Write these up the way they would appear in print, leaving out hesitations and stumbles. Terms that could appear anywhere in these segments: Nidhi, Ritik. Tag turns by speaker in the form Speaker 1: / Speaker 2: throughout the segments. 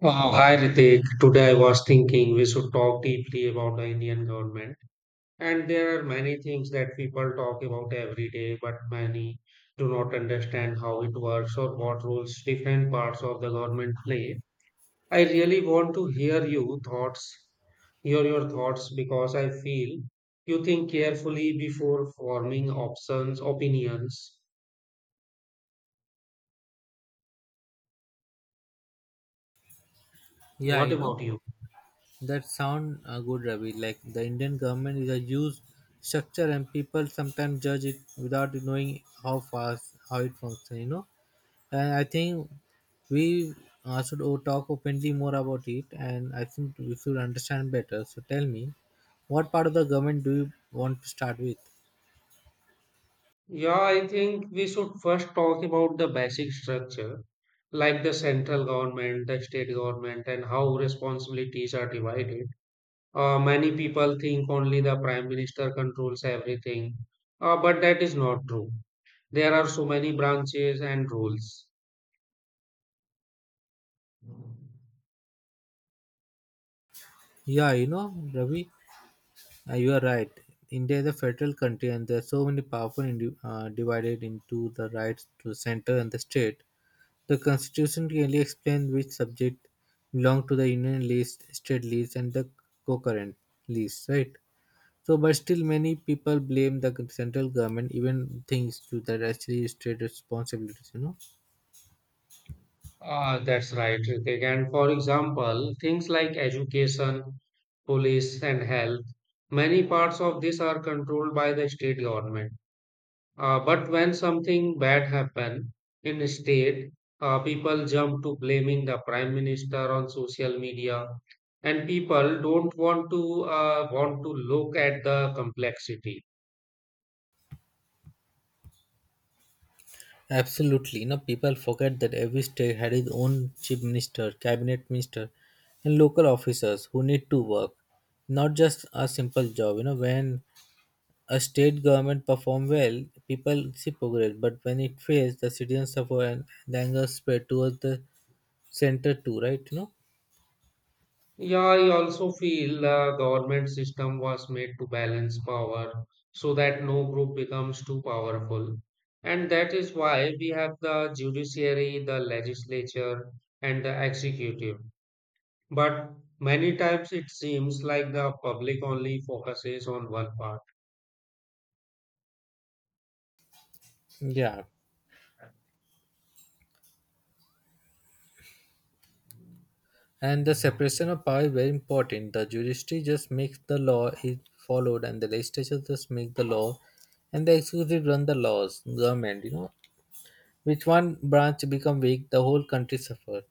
Speaker 1: Wow, hi Ritik. Today I was thinking we should talk deeply about the Indian government. And there are many things that people talk about every day, but many do not understand how it works or what roles different parts of the government play. I really want to hear your thoughts because I feel you think carefully before forming opinions.
Speaker 2: Yeah,
Speaker 1: What
Speaker 2: you know,
Speaker 1: about you?
Speaker 2: that sound good, Ravi. Like the Indian government is a huge structure and people sometimes judge it without knowing how fast, how it functions, you know. And I think we should talk openly more about it and I think we should understand better. So tell me, what part of the government do you want to start with?
Speaker 1: Yeah, I think we should first talk about the basic structure, like the central government, the state government, and how responsibilities are divided. Many people think only the prime minister controls everything, but that is not true. There are so many branches and rules.
Speaker 2: Yeah, you know, Ravi, you are right. India is a federal country and there are so many powerful divided into the rights to center and the state. The Constitution clearly explained which subject belong to the Union list, state list, and the concurrent list, right? So, but still, many people blame the central government, even things to that actually is state responsibilities, you know.
Speaker 1: Ah, that's right, Ritik. And for example, things like education, police, and health, many parts of this are controlled by the state government. But when something bad happen in state, people jump to blaming the prime minister on social media, and people don't want to look at the complexity.
Speaker 2: Absolutely, you know, people forget that every state had its own chief minister, cabinet minister, and local officers who need to work, not just a simple job. You know, when a state government perform well, people see progress. But when it fails, the citizens suffer and the anger spread towards the center too, right? You know?
Speaker 1: Yeah, I also feel the government system was made to balance power so that no group becomes too powerful, and that is why we have the judiciary, the legislature, and the executive. But many times it seems like the public only focuses on one part.
Speaker 2: Yeah. And the separation of power is very important. The judiciary just makes the law is followed and the legislature just make the law and the executive run the laws, government, you know. Which one branch become weak, the whole country suffer.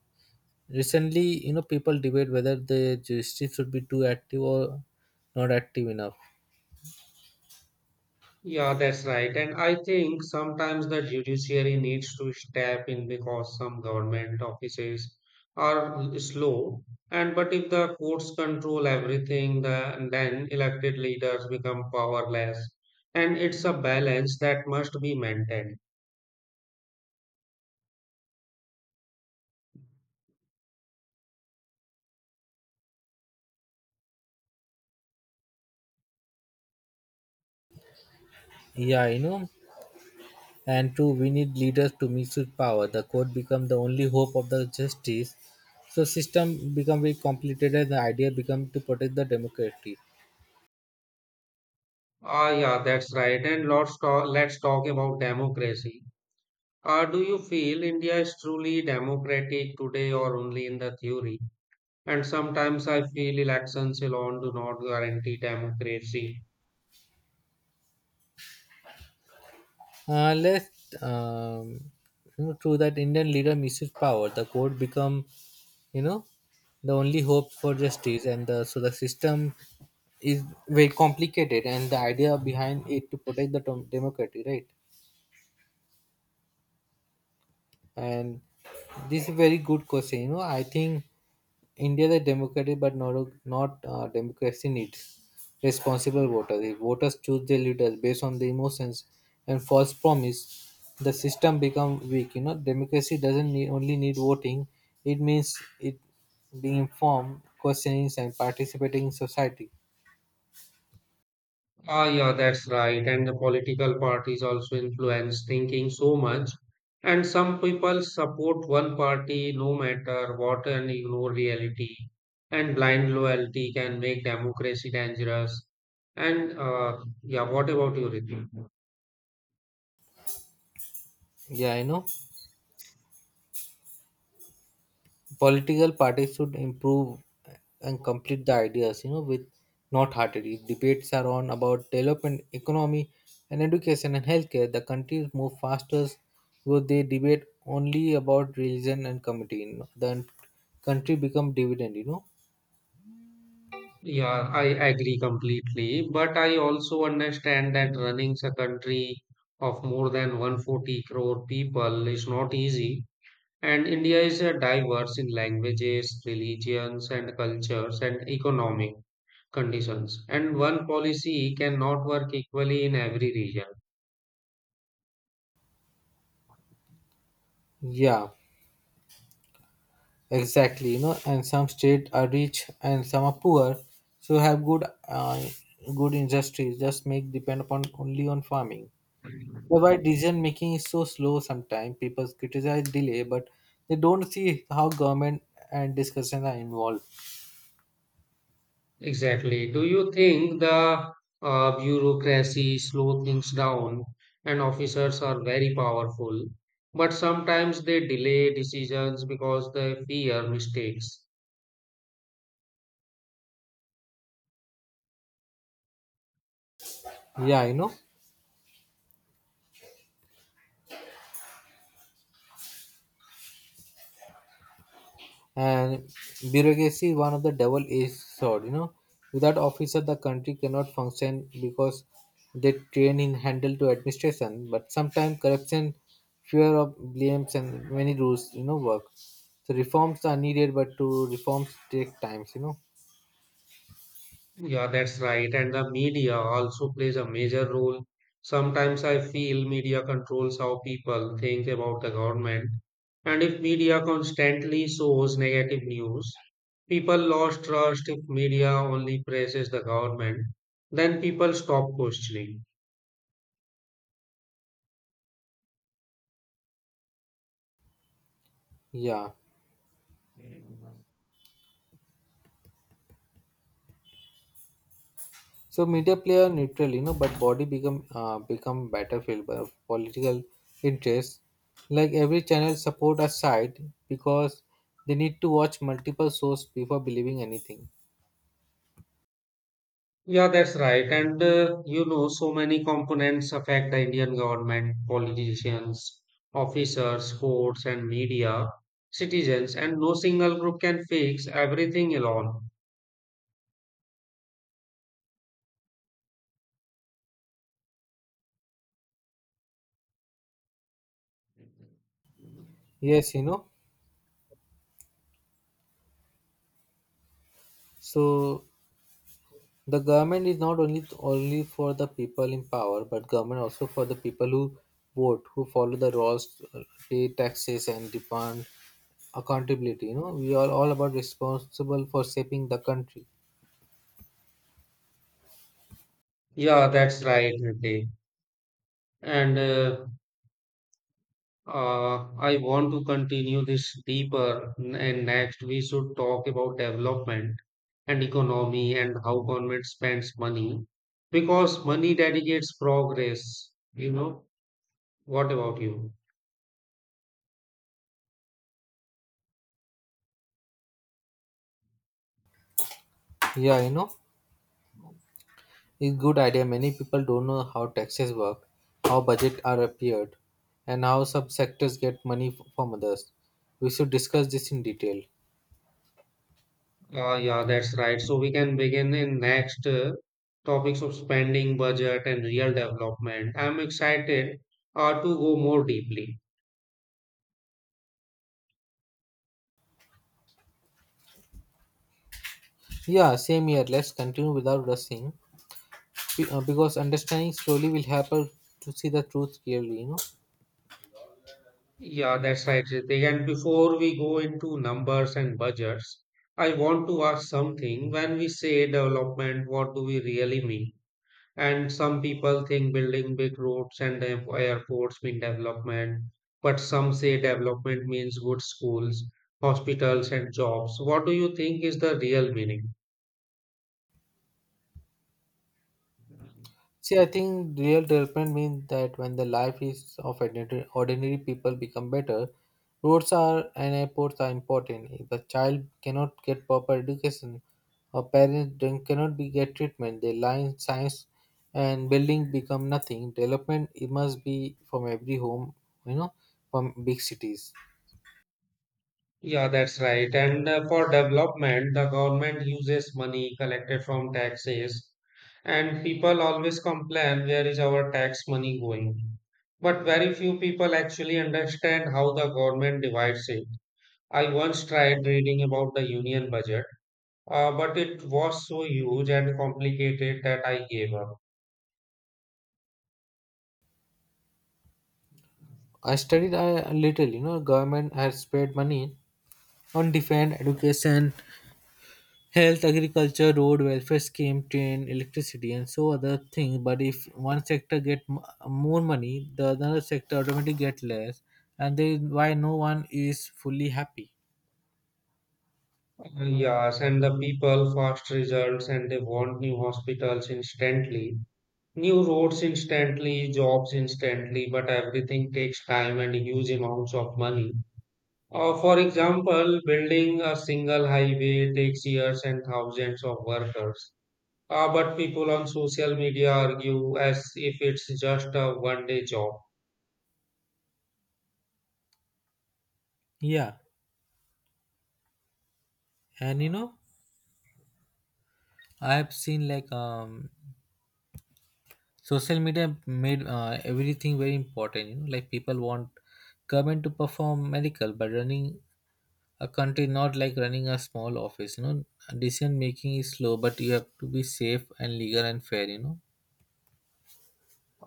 Speaker 2: Recently, you know, people debate whether the judiciary should be too active or not active enough.
Speaker 1: Yeah, that's right. And I think sometimes the judiciary needs to step in because some government offices slow. And but if the courts control everything, then elected leaders become powerless. And it's a balance that must be maintained.
Speaker 2: Yeah, you know, And two, we need leaders to mix with power. The court become the only hope of the justice. So system become very complicated and the idea become to protect the democracy.
Speaker 1: Ah, yeah, that's right. And let's talk about democracy. Do you feel India is truly democratic today or only in the theory? And sometimes I feel elections alone do not guarantee democracy.
Speaker 2: Let um, you know, true that Indian leader misses power. The court become, you know, the only hope for justice, and the, so the system is very complicated. And the idea behind it to protect the democracy, right? And this is very good question. You know, I think India is a democracy, but not democracy needs responsible voters. If voters choose their leaders based on the emotions and false promise, the system become weak. You know, democracy doesn't need, only need voting. It means it being informed, questioning, and participating in society.
Speaker 1: Ah, yeah, that's right. And the political parties also influence thinking so much. And some people support one party no matter what and ignore reality. And blind loyalty can make democracy dangerous. And yeah, what about you, Ritu?
Speaker 2: Yeah, I know. Political parties should improve and complete the ideas, you know, with not heartedly debates are on about development, economy, and education and healthcare, the countries move faster because they debate only about religion and community, you know. The country become dividend, you know.
Speaker 1: Yeah, I agree completely. But I also understand that running a country of more than 140 crore people is not easy. And India is diverse in languages, religions, and cultures and economic conditions. And one policy cannot work equally in every region.
Speaker 2: Yeah, exactly, you know, and some states are rich and some are poor, so have good industries just make depend upon only on farming. That's why decision making is so slow sometimes. People criticize delay, but they don't see how government and discussions are involved.
Speaker 1: Exactly. Do you think the bureaucracy slow things down and officers are very powerful, but sometimes they delay decisions because they fear mistakes?
Speaker 2: Yeah, you know. And bureaucracy is one of the double edged sword, you know. Without officer the country cannot function because they train in handle to administration. But sometimes corruption, fear of blames and many rules, you know, work. So reforms are needed but to reforms take times, you know.
Speaker 1: Yeah, that's right. And the media also plays a major role. Sometimes I feel media controls how people think about the government. And if media constantly shows negative news, people lost trust if media only praises the government, then people stop questioning.
Speaker 2: Yeah. So media play are neutral, you know, but body become become battlefield of political interests. Like every channel support a side because they need to watch multiple source before believing anything.
Speaker 1: Yeah, that's right. And so many components affect the Indian government, politicians, officers, courts, and media, citizens, and no single group can fix everything alone.
Speaker 2: Yes, you know. So the government is not only for the people in power, but government also for the people who vote, who follow the laws, pay taxes, and demand accountability. You know, we are all about responsible for shaping the country.
Speaker 1: Yeah, that's right, Nidhi. And I want to continue this deeper, and next we should talk about development and economy and how government spends money because money dedicates progress, you know what about you?
Speaker 2: Yeah, you know. It's good idea. Many people don't know how taxes work, how budget are appeared, and how some sectors get money from others. We should discuss this in detail.
Speaker 1: Yeah, that's right, so we can begin in next topics of spending budget and real development. I'm excited to go more deeply.
Speaker 2: Yeah, same here. Let's continue without rushing, because understanding slowly will help us to see the truth clearly. You know.
Speaker 1: Yeah, that's right, Ritik. And before we go into numbers and budgets, I want to ask something. When we say development, what do we really mean? And some people think building big roads and airports mean development, but some say development means good schools, hospitals, and jobs. What do you think is the real meaning?
Speaker 2: See, I think real development means that when the life is of ordinary people become better, roads are and airports are important. If a child cannot get proper education, or parents cannot be get treatment, their line science and building become nothing. Development it must be from every home, you know, from big cities.
Speaker 1: Yeah, that's right. And for development, the government uses money collected from taxes, and people always complain, where is our tax money going? But very few people actually understand how the government divides it. I once tried reading about the union budget. But it was so huge and complicated that I gave up.
Speaker 2: I studied a little, you know, government has spent money on different education, health, agriculture, road, welfare scheme, train, electricity, and so other things. But if one sector get more money, the other sector automatically get less, and then why no one is fully happy?
Speaker 1: Yes, and the people, fast results, and they want new hospitals instantly, new roads instantly, jobs instantly, but everything takes time and huge amounts of money. For example, building a single highway takes years and thousands of workers. But people on social media argue as if it's just a 1 day job.
Speaker 2: Yeah, and you know, I have seen like social media made everything very important. You know, like people want government to perform medical, but running a country not like running a small office. You know, decision making is slow, but you have to be safe and legal and fair. You know.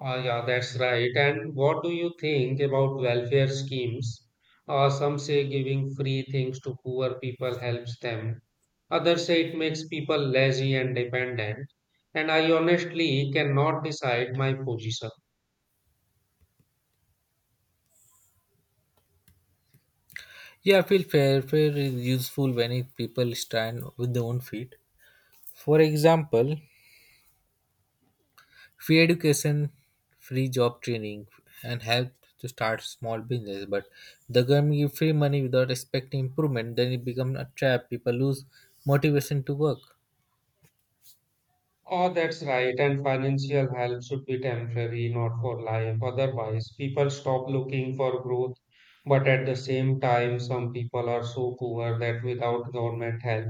Speaker 1: Yeah, that's right. And what do you think about welfare schemes? Some say giving free things to poor people helps them. Others say it makes people lazy and dependent. And I honestly cannot decide my position.
Speaker 2: Yeah, I feel fair. Fair is useful when people stand with their own feet. For example, free education, free job training, and help to start small business. But the government give free money without expecting improvement, then it becomes a trap. People lose motivation to work.
Speaker 1: Oh, that's right. And financial help should be temporary, not for life. Otherwise, people stop looking for growth. But at the same time, some people are so poor that without government help,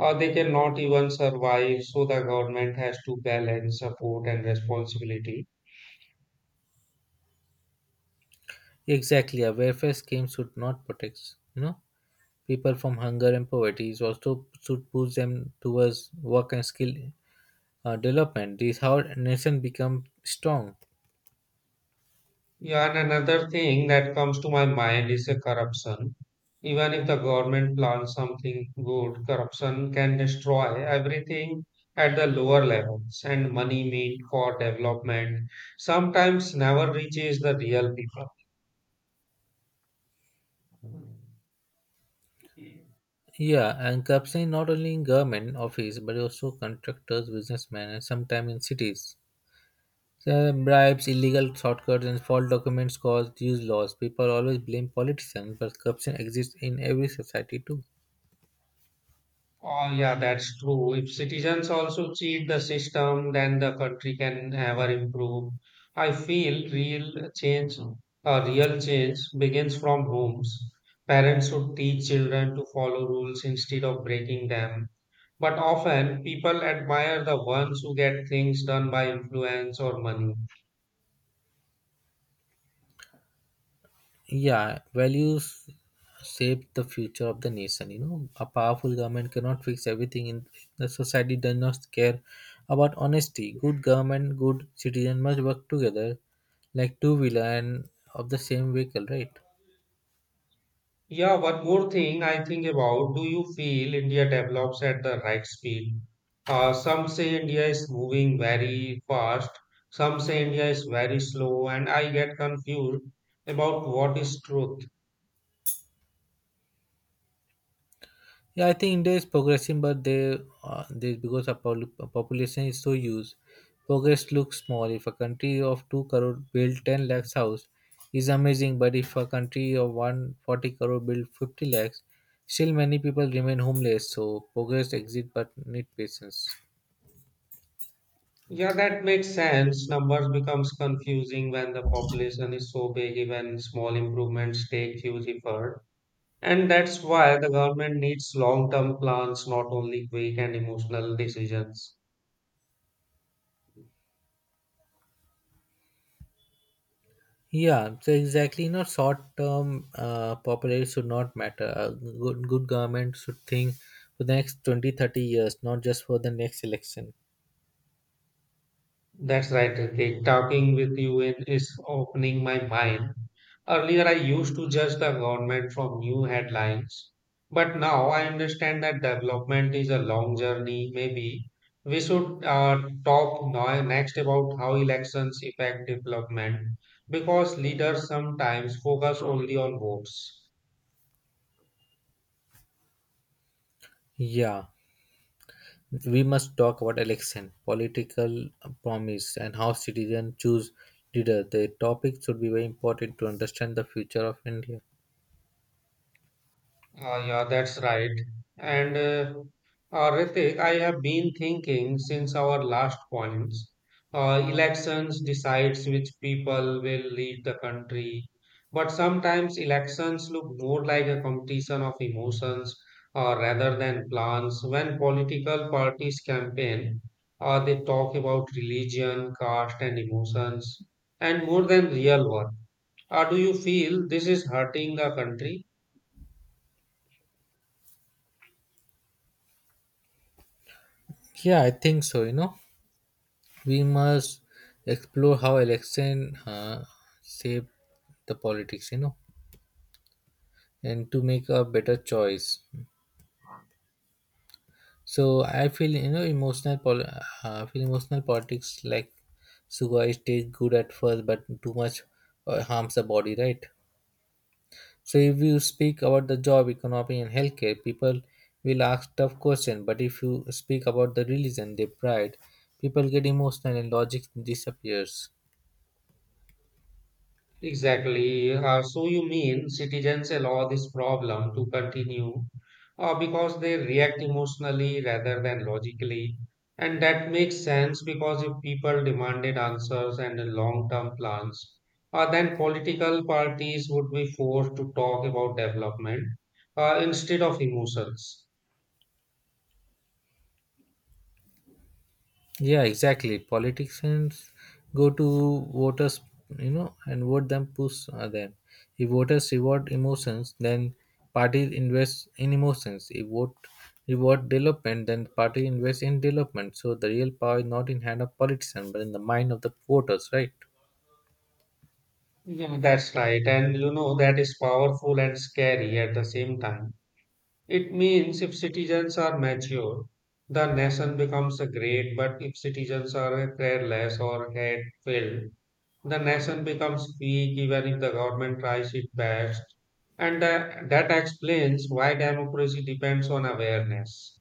Speaker 1: they cannot even survive. So the government has to balance support and responsibility.
Speaker 2: Exactly, a welfare scheme should not protect, you know, people from hunger and poverty. It also should push them towards work and skill development. This is how a nation become strong.
Speaker 1: Yeah, and another thing that comes to my mind is a corruption. Even if the government plans something good, corruption can destroy everything at the lower levels, and money meant for development sometimes never reaches the real people.
Speaker 2: Yeah, and corruption not only in government office but also contractors, businessmen, and sometimes in cities. So bribes, illegal shortcuts, and false documents cause huge loss. People always blame politicians, but corruption exists in every society too.
Speaker 1: Oh, yeah, that's true. If citizens also cheat the system, then the country can never improve. I feel real change, begins from homes. Parents should teach children to follow rules instead of breaking them. But often people admire the ones who get things done by influence or money.
Speaker 2: Yeah, values shape the future of the nation. You know, a powerful government cannot fix everything. In the society does not care about honesty. Good government, good citizen must work together, like two wheeler and of the same vehicle, right?
Speaker 1: Yeah, one more thing I think about. Do you feel India develops at the right speed? Some say India is moving very fast, some say India is very slow, and I get confused about what is truth.
Speaker 2: Yeah, I think India is progressing, but they because our population is so huge, progress looks small. If a country of 2 crore build 10 lakhs house, is amazing. But if a country of 140 crore build 50 lakhs, still many people remain homeless. So progress exit, but need patience.
Speaker 1: Yeah, that makes sense. Numbers becomes confusing when the population is so big, even small improvements take huge effort. And that's why the government needs long-term plans, not only quick and emotional decisions.
Speaker 2: Yeah, so exactly. You know, short term popularity should not matter. A good government should think for the next 20-30 years, not just for the next election.
Speaker 1: That's right, Ritik. Talking with you is opening my mind. Earlier, I used to judge the government from new headlines, but now I understand that development is a long journey. Maybe we should next about how elections affect development because leaders sometimes focus only on votes.
Speaker 2: Yeah. We must talk about election, political promise, and how citizens choose leader. The topic should be very important to understand the future of India.
Speaker 1: Ah, yeah, that's right. And Ritik, I have been thinking since our last points. Elections decides which people will lead the country, but sometimes elections look more like a competition of emotions rather than plans. When political parties campaign, they talk about religion, caste, and emotions, and more than real work. Do you feel this is hurting the country?
Speaker 2: Yeah, I think so. You know, we must explore how election shape the politics. You know, and to make a better choice. So I feel you know emotional. I feel emotional politics like sugar is taste good at first, but too much harms the body. Right? So if you speak about the job, economy, and healthcare, people will ask tough questions. But if you speak about the religion, their pride, people get emotional and logic disappears.
Speaker 1: Exactly. So you mean citizens allow this problem to continue because they react emotionally rather than logically. And that makes sense because if people demanded answers and long-term plans, then political parties would be forced to talk about development instead of emotions.
Speaker 2: Yeah, exactly. Politicians go to voters, you know, and vote them, push them. If voters reward emotions, then parties invest in emotions. If vote reward development, then party invests in development. So the real power is not in hand of politicians, but in the mind of the voters, right?
Speaker 1: Yeah, that's right. And you know, that is powerful and scary at the same time. It means if citizens are mature, the nation becomes great, but if citizens are careless or hate-filled, the nation becomes weak even if the government tries its best. And that explains why democracy depends on awareness.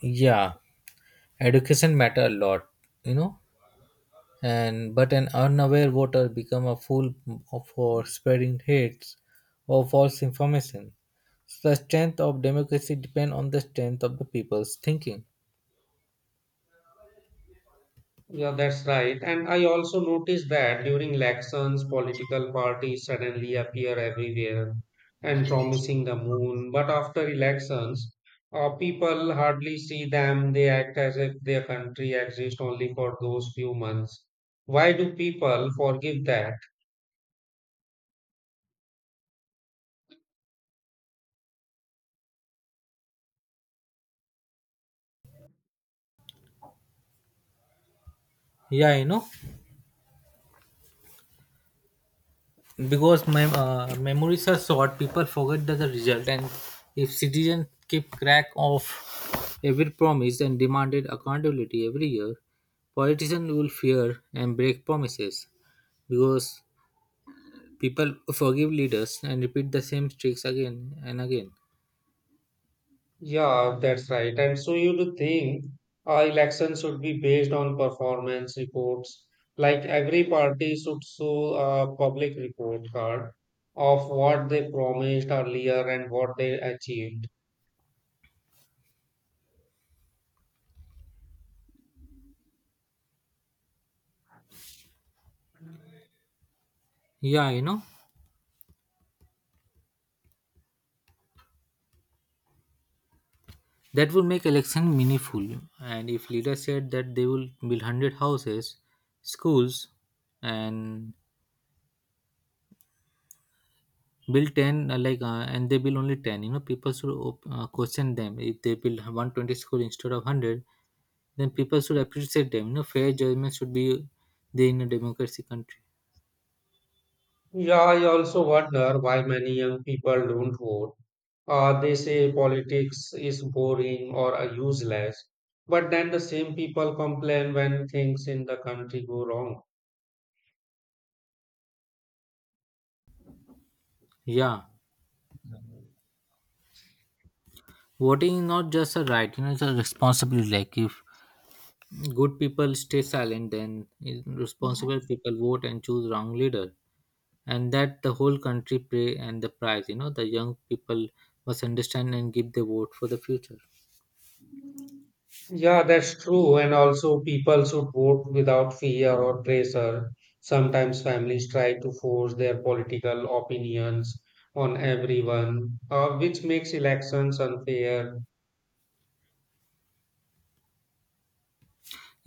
Speaker 2: Yeah. Education matter a lot, you know, and but an unaware voter become a fool for spreading hates or false information. So the strength of democracy depend on the strength of the people's thinking.
Speaker 1: Yeah, that's right. And I also noticed that during elections, political parties suddenly appear everywhere and promising the moon. But after elections, people hardly see them. They act as if their country exists only for those few months. Why do people forgive that?
Speaker 2: Yeah, you know, because memories are short, people forget the result, and if citizens keep track of every promise and demanded accountability every year, politicians will fear and break promises because people forgive leaders and repeat the same tricks again and again.
Speaker 1: Yeah, that's right. And so you do think elections should be based on performance reports. Like every party should show a public report card of what they promised earlier and what they achieved.
Speaker 2: Yeah, you know, that would make election meaningful. And if leaders said that they will build 100 houses, schools, and build 10, and they build only 10, you know, people should question them. If they build 120 school instead of 100, then people should appreciate them. You know, fair judgment should be there in a democracy country.
Speaker 1: Yeah, I also wonder why many young people don't vote. They say politics is boring or useless, but then the same people complain when things in the country go wrong.
Speaker 2: Yeah. Voting is not just a right, you know, it's a responsibility. Like if good people stay silent then responsible people vote and choose wrong leader and that the whole country pray and the prize, you know, the young people must understand and give their vote for the future.
Speaker 1: Yeah, that's true. And also, people should vote without fear or pressure. Sometimes families try to force their political opinions on everyone, which makes elections unfair.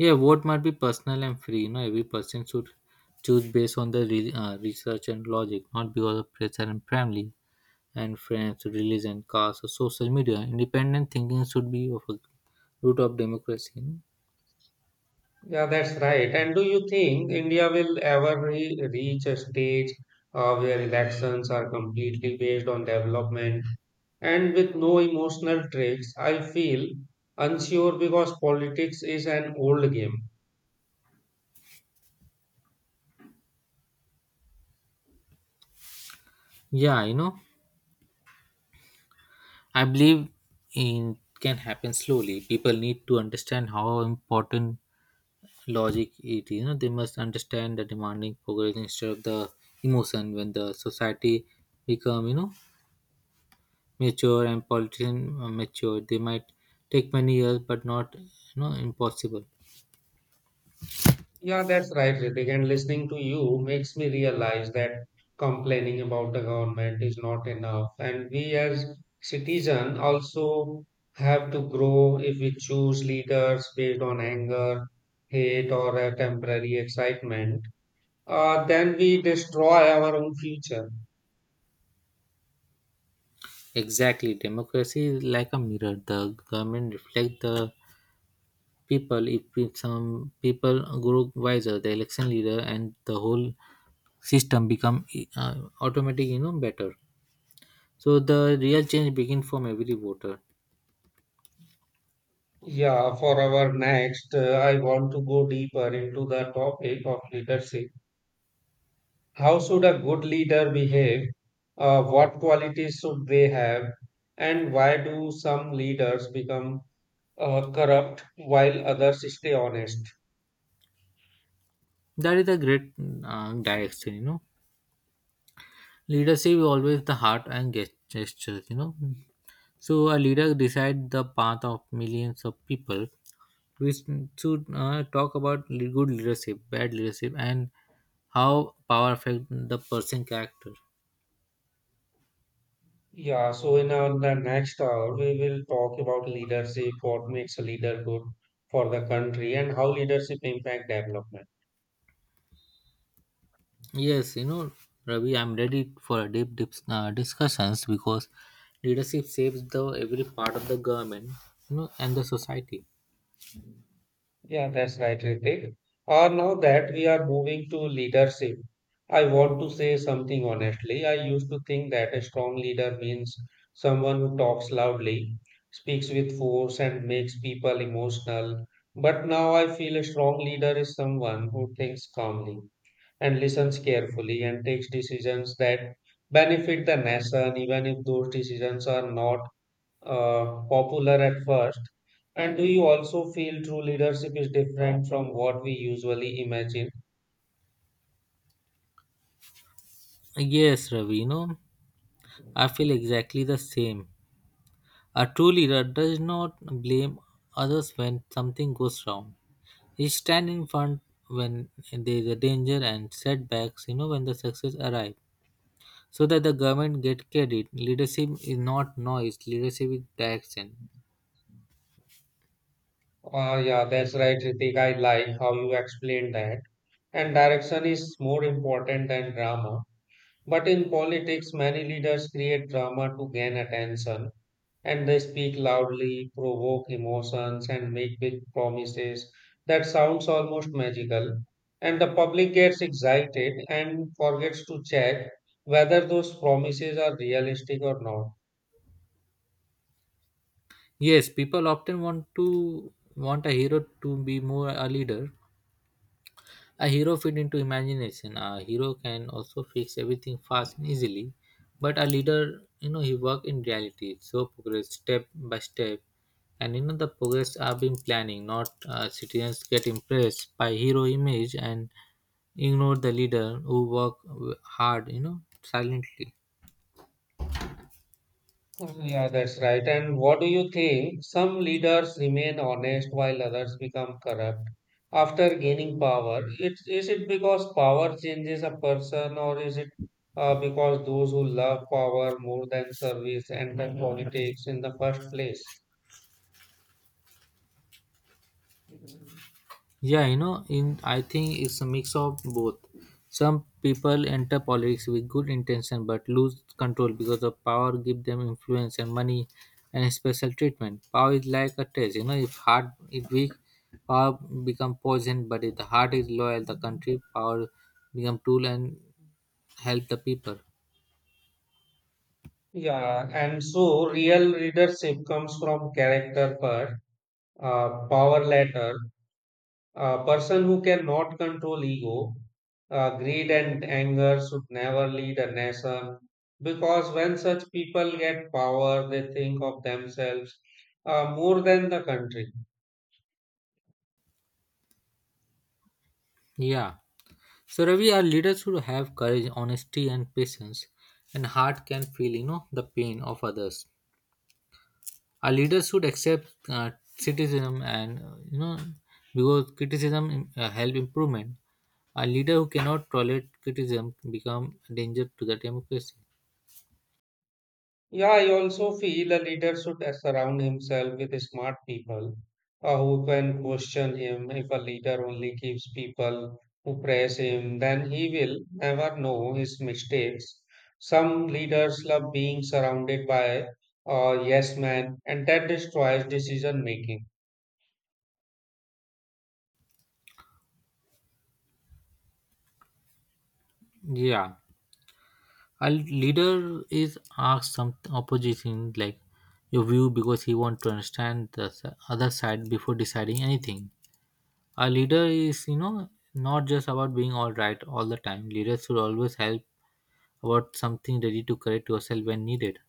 Speaker 2: Yeah, vote might be personal and free, you know, every person should choose based on the research and logic, not because of pressure and family and friends, religion, caste or social media. Independent thinking should be of a root of democracy, you know?
Speaker 1: Yeah, that's right. And do you think India will ever re reach a stage where elections are completely based on development and with no emotional tricks? I feel unsure because politics is an old game.
Speaker 2: yeah you know I believe it can happen slowly. People need to understand how important logic it is. You know, they must understand the demanding progress instead of the emotion. When the society become, you know, mature and politician mature, they might take many years, but not, you know, impossible.
Speaker 1: Yeah, that's right, Ritik. And listening to you makes me realize that complaining about the government is not enough. And we as citizens also have to grow if we choose leaders based on anger, hate, or a temporary excitement. Then we destroy our own future.
Speaker 2: Exactly, democracy is like a mirror. The government reflects the people. If some people grow wiser, the election leader and the whole system become uh, automatic, you know, better. So the real change begin from every voter.
Speaker 1: Yeah, for our next, I want to go deeper into the topic of leadership. How should a good leader behave? What qualities should they have? And why do some leaders become corrupt while others stay honest?
Speaker 2: That is a great direction, you know. Leadership is always the heart and gestures, you know. So a leader decide the path of millions of people. We should talk about good leadership, bad leadership, and how power affect the person character.
Speaker 1: Yeah, so in our the next hour, we will talk about leadership, what makes a leader good for the country, and how leadership impact development.
Speaker 2: Yes, you know, Ravi, I'm ready for a deep, deep discussions because leadership shapes the every part of the government, you know, and the society.
Speaker 1: Yeah, that's right, Ritik. Now that we are moving to leadership, I want to say something honestly. I used to think that a strong leader means someone who talks loudly, speaks with force, and makes people emotional. But now I feel a strong leader is someone who thinks calmly and listens carefully and takes decisions that benefit the nation, even if those decisions are not popular at first. And do you also feel true leadership is different from what we usually imagine?
Speaker 2: Yes, Ravi, you know, I feel exactly the same. A true leader does not blame others when something goes wrong. He stands in front when there is a danger and setbacks, you know, when the success arrive. So that the government get credit. Leadership is not noise, leadership is direction.
Speaker 1: Yeah, that's right, Ritik. I like how you explained that. And direction is more important than drama. But in politics, many leaders create drama to gain attention, and they speak loudly, provoke emotions, and make big promises that sounds almost magical. And the public gets excited and forgets to check whether those promises are realistic or not.
Speaker 2: Yes, people often want a hero to be more a leader. A hero fit into imagination. A hero can also fix everything fast and easily, but a leader, you know, he work in reality. So progress step by step, and you know the progress are been planning. Not citizens get impressed by hero image and ignore the leader who work hard, you know, silently.
Speaker 1: Yeah, that's right. And what do you think? Some leaders remain honest while others become corrupt after gaining power. It because power changes a person, or is it because those who love power more than service enter politics in the first place?
Speaker 2: Yeah, you know, in I think it's a mix of both. Some people enter politics with good intention but lose control because the power give them influence and money and special treatment. Power is like a test, you know, if heart is weak, power become poison, but if the heart is loyal, the country power become tool and help the people.
Speaker 1: Yeah, and so real leadership comes from character first, power later. A person who cannot control ego, greed, and anger should never lead a nation because when such people get power, they think of themselves more than the country.
Speaker 2: Yeah. So Ravi, our leaders should have courage, honesty and patience and heart can feel, you know, the pain of others. A leader should accept criticism and, because criticism help improvement. A leader who cannot tolerate criticism become a danger to the democracy.
Speaker 1: Yeah, I also feel a leader should surround himself with smart people who can question him. If a leader only keeps people who praise him, then he will never know his mistakes. Some leaders love.
Speaker 2: Yeah, a leader is asked some opposition like your view because he want to understand the other side before deciding anything. A leader is, you know, not just about being all right all the time. Leaders should always help about something ready to correct yourself when needed.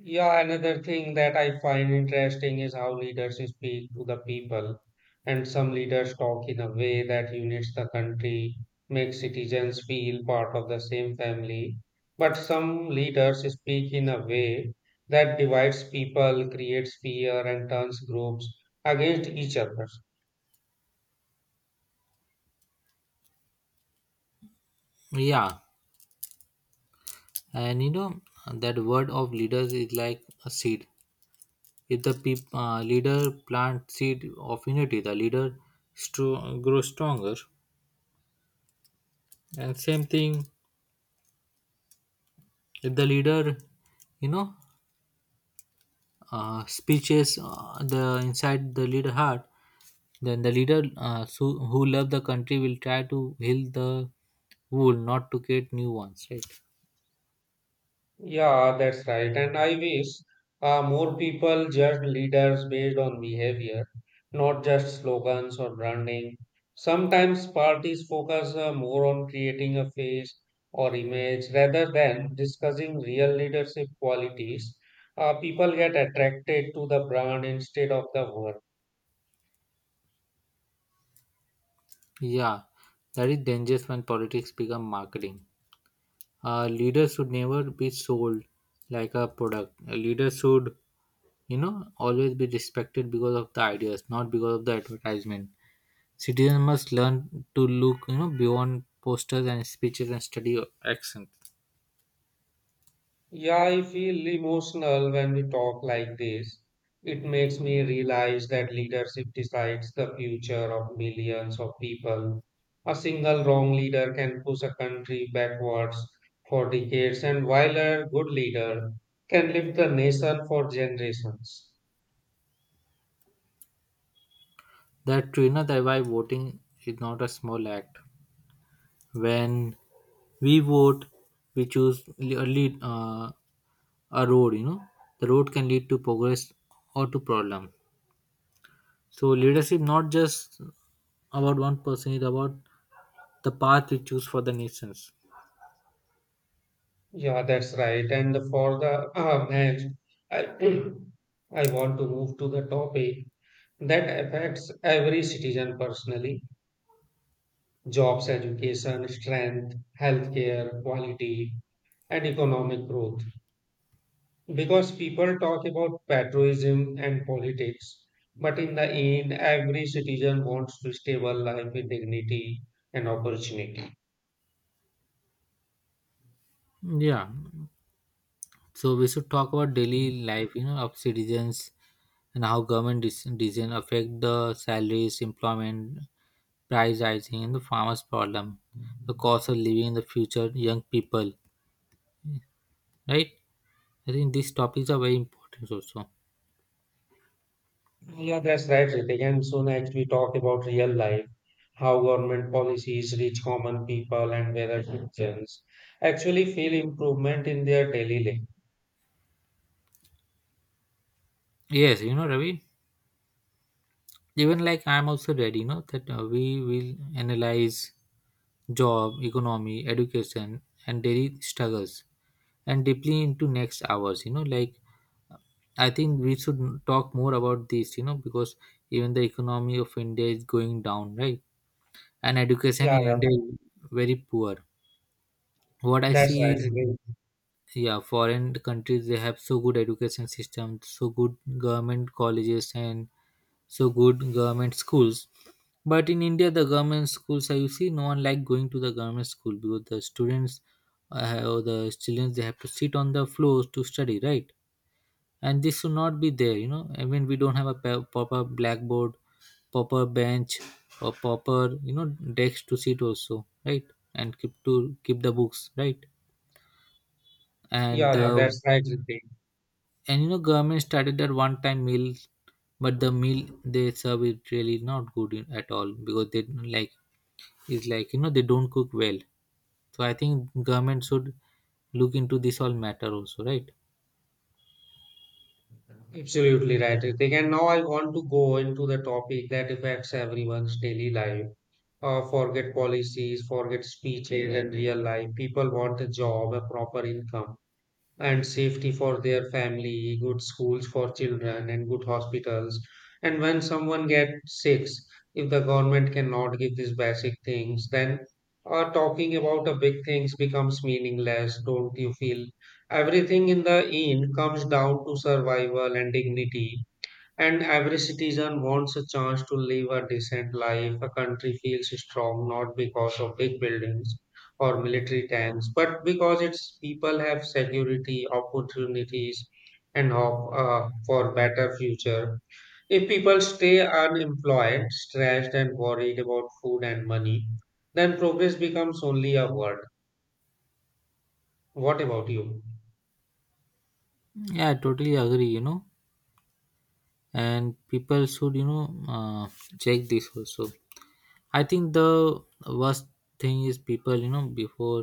Speaker 1: Yeah, another thing that I find interesting is how leaders speak to the people. And some leaders talk in a way that unites the country, makes citizens feel part of the same family. But some leaders speak in a way that divides people, creates fear, and turns groups against each other.
Speaker 2: Yeah, and you know that word of leaders is like a seed. If the leader plant seed of unity, the leader grows stronger. And same thing, if the leader, you know, speeches the inside the leader heart, then the leader who love the country will try to heal the wound, not to create new ones, right?
Speaker 1: Yeah, that's right. And I wish more people judge leaders based on behavior, not just slogans or branding. Sometimes parties focus more on creating a face or image rather than discussing real leadership qualities. People get attracted to the brand instead of the work.
Speaker 2: Yeah, that is dangerous when politics become marketing. A leader should never be sold like a product. A leader should, you know, always be respected because of the ideas, not because of the advertisement. Citizens must learn to look, you know, beyond posters and speeches and study actions.
Speaker 1: Yeah, I feel emotional when we talk like this. It makes me realize that leadership decides the future of millions of people. A single wrong leader can push a country backwards for decades, and while a good leader can lift the nation for generations.
Speaker 2: That, you know, that why voting is not a small act. When we vote, we choose a road, you know. The road can lead to progress or to problem. So leadership not just about one person, it's about the path we choose for the nations.
Speaker 1: Yeah, that's right. And for the match, I, I want to move to the topic that affects every citizen personally: jobs, education, strength, healthcare, quality, and economic growth. Because people talk about patriotism and politics, but in the end, every citizen wants to stable life with dignity and opportunity.
Speaker 2: Yeah. So we should talk about daily life, you know, of citizens and how government decision affect the salaries, employment, price rising, and the farmers' problem, the cost of living in the future, young people, right? I think these topics are very important also.
Speaker 1: Yeah, that's right, Ritik. And so next we talk about real life, how government policies reach common people and whether citizens actually feel improvement in their daily life.
Speaker 2: Yes, you know, Ravi. Even like I'm also ready, you know, that we will analyze job, economy, education, and daily struggles. And deeply into next hours, you know. Like, I think we should talk more about this, you know, because even the economy of India is going down, right? And education
Speaker 1: Yeah,
Speaker 2: in
Speaker 1: yeah,
Speaker 2: India is very poor. What I
Speaker 1: that's
Speaker 2: see
Speaker 1: right,
Speaker 2: is,
Speaker 1: Ritik.
Speaker 2: yeah, foreign countries they have so good education system, so good government colleges and so good government schools. But in India the government schools, I you see no one like going to the government school because the students, or the children, they have to sit on the floors to study, right? And this should not be there, you know. I mean, we don't have a proper blackboard, proper bench, or proper, you know, desk to sit also, right? And keep to keep the books, right?
Speaker 1: Yeah,
Speaker 2: And
Speaker 1: yeah, that's right, Ritik.
Speaker 2: and you know government started that one time meal, but the meal they serve is really not good at all because they don't like, it's like, you know, they don't cook well. So I think government should look into this all matter also, right?
Speaker 1: Absolutely right, Ritik. And now I want to go into the topic that affects everyone's daily life. Forget policies, forget speeches, and real life. People want a job, a proper income and safety for their family, good schools for children, and good hospitals. And when someone gets sick, if the government cannot give these basic things, then talking about the big things becomes meaningless, don't you feel? Everything in the end comes down to survival and dignity. And every citizen wants a chance to live a decent life. A country feels strong not because of big buildings or military tanks, but because its people have security, opportunities, and hope for better future. If people stay unemployed, stressed, and worried about food and money, then progress becomes only a word. What about you?
Speaker 2: Yeah, I totally agree, you know. And people should, you know, check this also. I think the worst thing is people, you know, before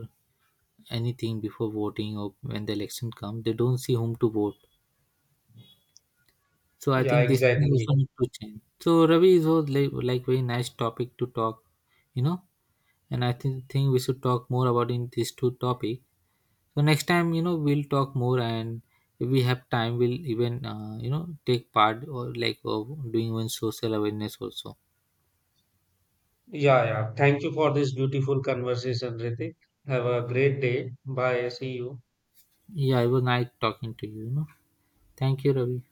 Speaker 2: anything, before voting or when the election comes, they don't see whom to vote. So I
Speaker 1: Yeah,
Speaker 2: think this thing
Speaker 1: exactly.
Speaker 2: also need to change. So Ravi, is was like very nice topic to talk, you know. And I think we should talk more about in these two topic. So next time, you know, we'll talk more, and if we have time, we'll even you know, take part or like of doing one social awareness also.
Speaker 1: Yeah, yeah. Thank you for this beautiful conversation, Ritik. Have a great day. Bye. See you.
Speaker 2: Yeah, it was nice talking to you, you know. Thank you, Ravi.